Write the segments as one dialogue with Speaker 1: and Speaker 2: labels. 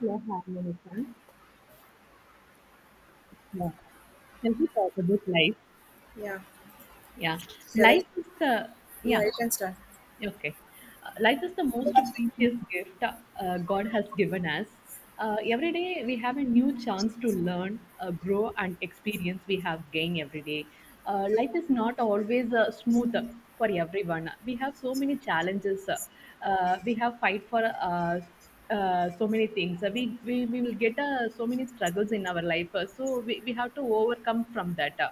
Speaker 1: Yeah, harmonism. Yeah. Shall we talk about life?
Speaker 2: Yeah.
Speaker 1: Yeah,
Speaker 2: Shall I?
Speaker 1: life is the yeah
Speaker 2: Yeah, you can start.
Speaker 1: okay. Life is the most precious gift God has given us. Every day we have a new chance to learn, grow, and experience we have gained every day. Life is not always smooth for everyone. We have so many challenges. We have fight for so many things. We will get so many struggles in our life. So we have to overcome from that.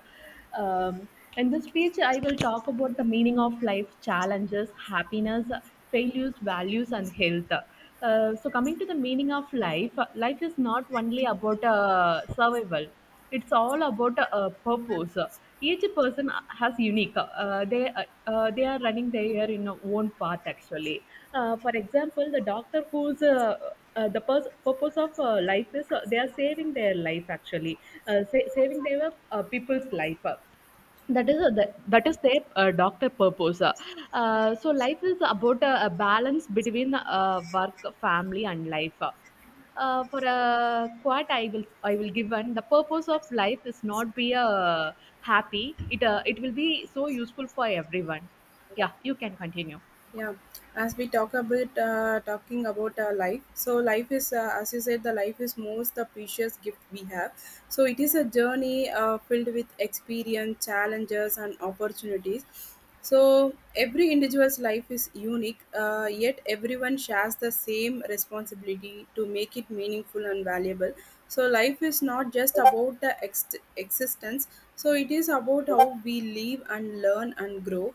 Speaker 1: Um, in this speech, I will talk about the meaning of life, challenges, happiness, failures, values, and health. So coming to the meaning of life, life is not only about survival, it's all about a, purpose. Each person has unique they are running their in own path actually. For example, the doctor who's the purpose of life is they are saving their life actually, saving their people's life. That is a, that, that is their doctor purpose. So life is about a balance between work, family and life. For a quote I will give one. The purpose of life is not be happy. It it will be so useful for everyone. Yeah, you can continue.
Speaker 2: Yeah, as we talk about talking about life. So life is, as you said, the life is most the precious gift we have. So it is a journey filled with experience, challenges, and opportunities. So every individual's life is unique, yet everyone shares the same responsibility to make it meaningful and valuable. So life is not just about the existence. So it is about how we live and learn and grow.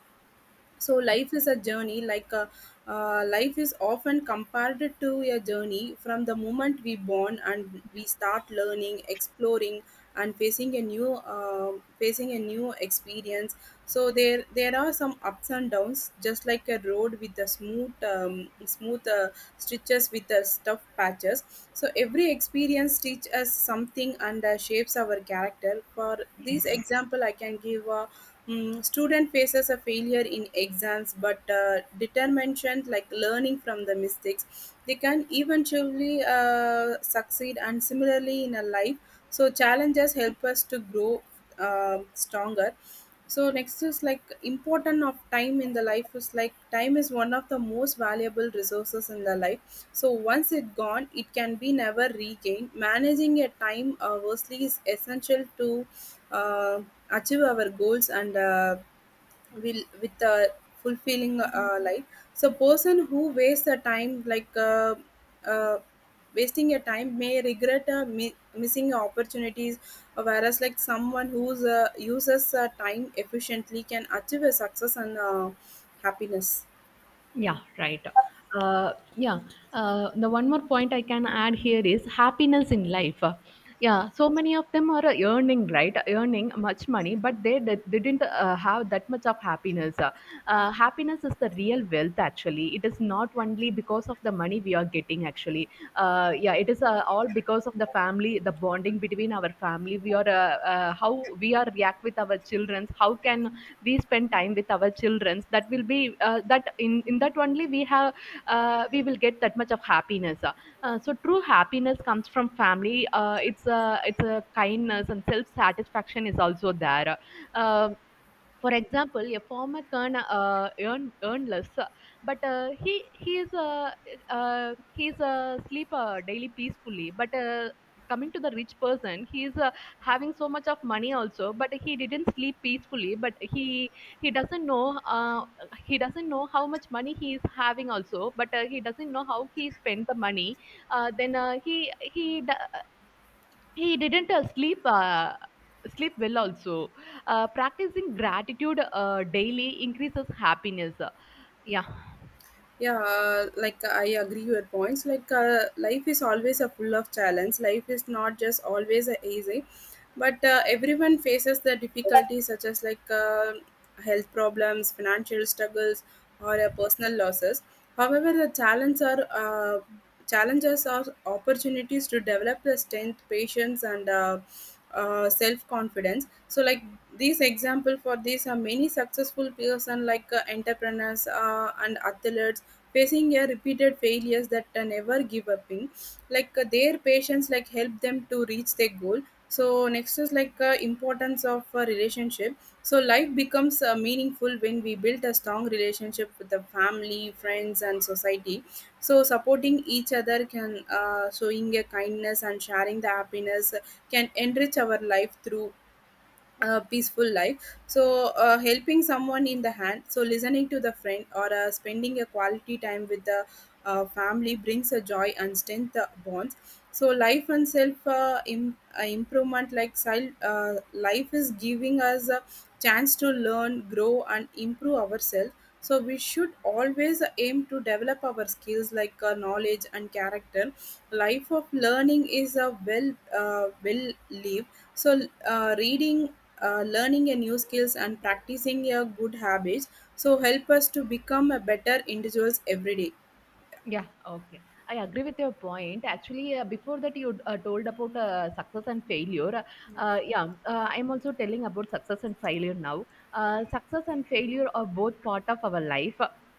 Speaker 2: So
Speaker 1: Yeah.
Speaker 2: life is a journey like a, life is often compared to a journey. From the moment we born, and we
Speaker 1: Yeah.
Speaker 2: start learning, exploring, and facing a new experience. So there are some ups and downs, just like a road with the smooth, smooth stitches, with the stuff patches. So every experience teaches us something and shapes our character. For this
Speaker 1: Yes.
Speaker 2: example, I can give a student faces a failure in exams, but determination, like learning from the mistakes, they can eventually succeed. And similarly in a life, so challenges help us to grow stronger. So next is like important of time in the life is like time is one of the most valuable resources in the life. So once it gone, it can be never regained. Managing your time wisely is essential to uh, achieve our goals and, will with a fulfilling life. So person who wastes the time, like uh, wasting your time, may regret missing opportunities, whereas like someone who uses time efficiently can achieve a success and happiness.
Speaker 1: Yeah, right. Uh, yeah. The one more point I can add here is happiness in life. Yeah, so many of them are earning, right? Earning much money, but didn't have that much of happiness. Happiness is the real wealth, actually. It is not only because of the money we are getting, actually. Yeah, it is all because of the family, the bonding between our family. We are How we are react with our children. How can we spend time with our children, that will be that in that only we have we will get that much of happiness. So true happiness comes from family. It's a kindness and self satisfaction is also there. uh, for example, a farmer can earn less, but he is he is a sleeper daily peacefully, but coming to the rich person, he is having so much of money also, but he didn't sleep peacefully, but he doesn't know. uh, he doesn't know how much money he is having also, but he doesn't know how he spent the money. Uh, then uh, he he d- he didn't sleep well also. Practicing gratitude daily increases happiness. Yeah.
Speaker 2: Yeah, like I agree your points. Like life is always a full of challenge. Life is not just always a easy, but everyone faces the difficulties, such as like health problems, financial struggles, or personal losses. However, the challenges are, challenges are opportunities to develop the strength, patience, and self-confidence. So like these example for these are many successful person like entrepreneurs and athletes facing a repeated failures that never give up in, like their patience like help them to reach their goal. So next is like importance of a relationship. So life becomes meaningful when we build a strong relationship with the family, friends, and society. So supporting each other can, showing a kindness and sharing the happiness can enrich our life through a peaceful life. So helping someone in the hand, so listening to the friend, or spending a quality time with the family, brings a joy and strength bonds. So life and self, improvement, like life is giving us a chance to learn, grow, and improve ourselves. So we should always aim to develop our skills, like knowledge and character. Life of learning is a well, well lived. So reading, learning a new skills, and practicing a good habits, so help us to become a better individuals every day.
Speaker 1: Yeah, okay. I agree with your point. Actually, before that, you told about success and failure. Yeah, I'm also telling about success and failure now. Success and failure are both part of our life.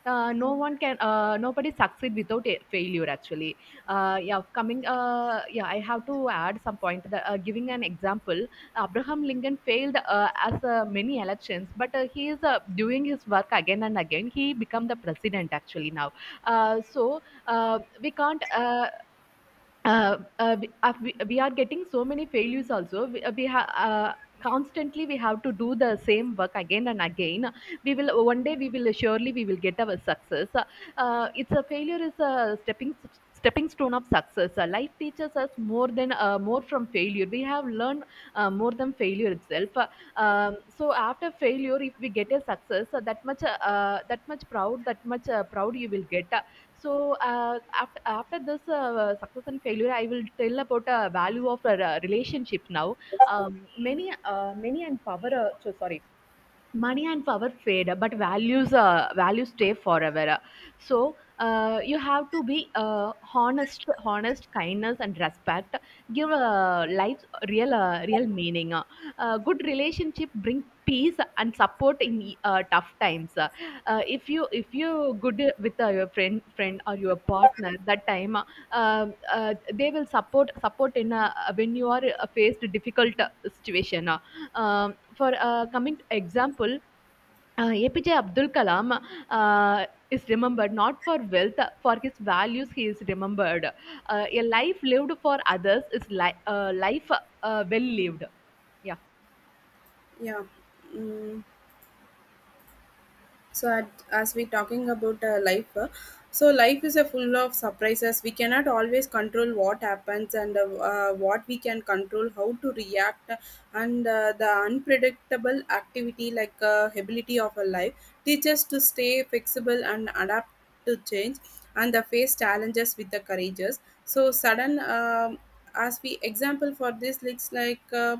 Speaker 1: No one can, nobody succeed without a failure. Actually, yeah, coming. Yeah, I have to add some point. That, giving an example, Abraham Lincoln failed as many elections, but he is doing his work again and again. He become the president actually now. We can't. We are getting so many failures also. We have. Constantly, we have to do the same work again and again. We will one day we will surely we will get our success. It's a Failure is a stepping stone of success. Life teaches us more than more from failure we have learned, more than failure itself. So after failure, if we get a success, that much proud, that much proud you will get. So after this success and failure, I will tell about value of a relationship now. Many and power so sorry, money and power fade, but values stay forever. So you have to be honest, kindness and respect give life real meaning. Good relationship bring peace and support in tough times. If you good with your friend or your partner, that time they will support in when you are faced difficult situation. For coming to example, APJ Abdul Kalam is remembered not for wealth, for his values he is remembered. A life lived for others is life well lived. Yeah.
Speaker 2: Yeah. Mm. So at, as we talking about life, so life is a full of surprises. We cannot always control what happens, and what we can control how to react. And the unpredictable activity, like ability of a life, teach us to stay flexible and adapt to change and the face challenges with the courageous. So sudden, as we example for this looks like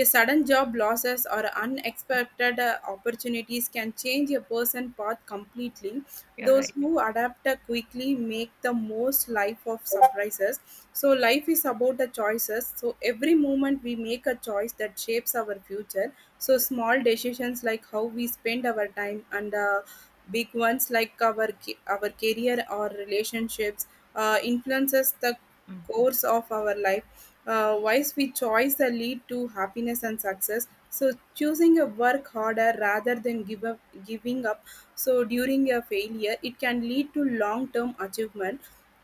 Speaker 2: a sudden job losses or unexpected opportunities can change a person's path completely.
Speaker 1: You're
Speaker 2: Those
Speaker 1: right.
Speaker 2: who adapt quickly make the most life of surprises. So life is about the choices. So every moment we make a choice that shapes our future. So small decisions like how we spend our time, and big ones like our our career or relationships influences the course of our life. Uh, why sweet choice that lead to happiness and success. So choosing a work harder rather than give up giving up so during a failure, it can lead to long term achievement.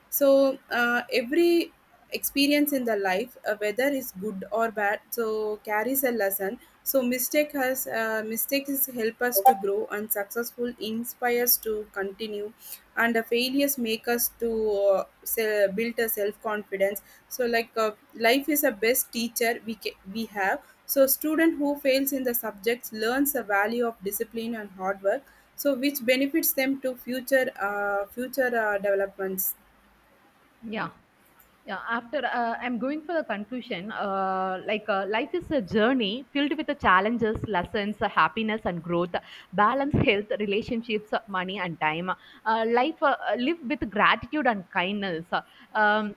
Speaker 2: So every experience in the life, whether is good or bad, so carries a lesson. So mistakes help us to grow, and successful inspires to continue, and the failures make us to build a self confidence. So like life is a best teacher. We have so student who fails in the subjects learns the value of discipline and hard work, so which benefits them to future future developments.
Speaker 1: Yeah. Yeah, after I'm going for the conclusion, like life is a journey filled with the challenges, lessons, happiness, and growth, balance, health, relationships, money, and time. Life Live with gratitude and kindness. Um,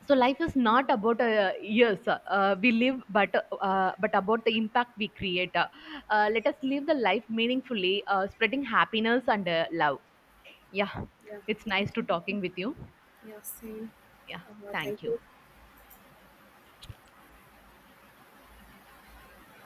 Speaker 1: so life is not about years we live, but about the impact we create. Let us live the life meaningfully, spreading happiness and love. Yeah,
Speaker 2: Yeah,
Speaker 1: it's nice
Speaker 2: thank
Speaker 1: to
Speaker 2: you.
Speaker 1: talking with you.
Speaker 2: Yeah, same.
Speaker 1: Yeah,
Speaker 2: Thank
Speaker 1: thank you.
Speaker 2: you.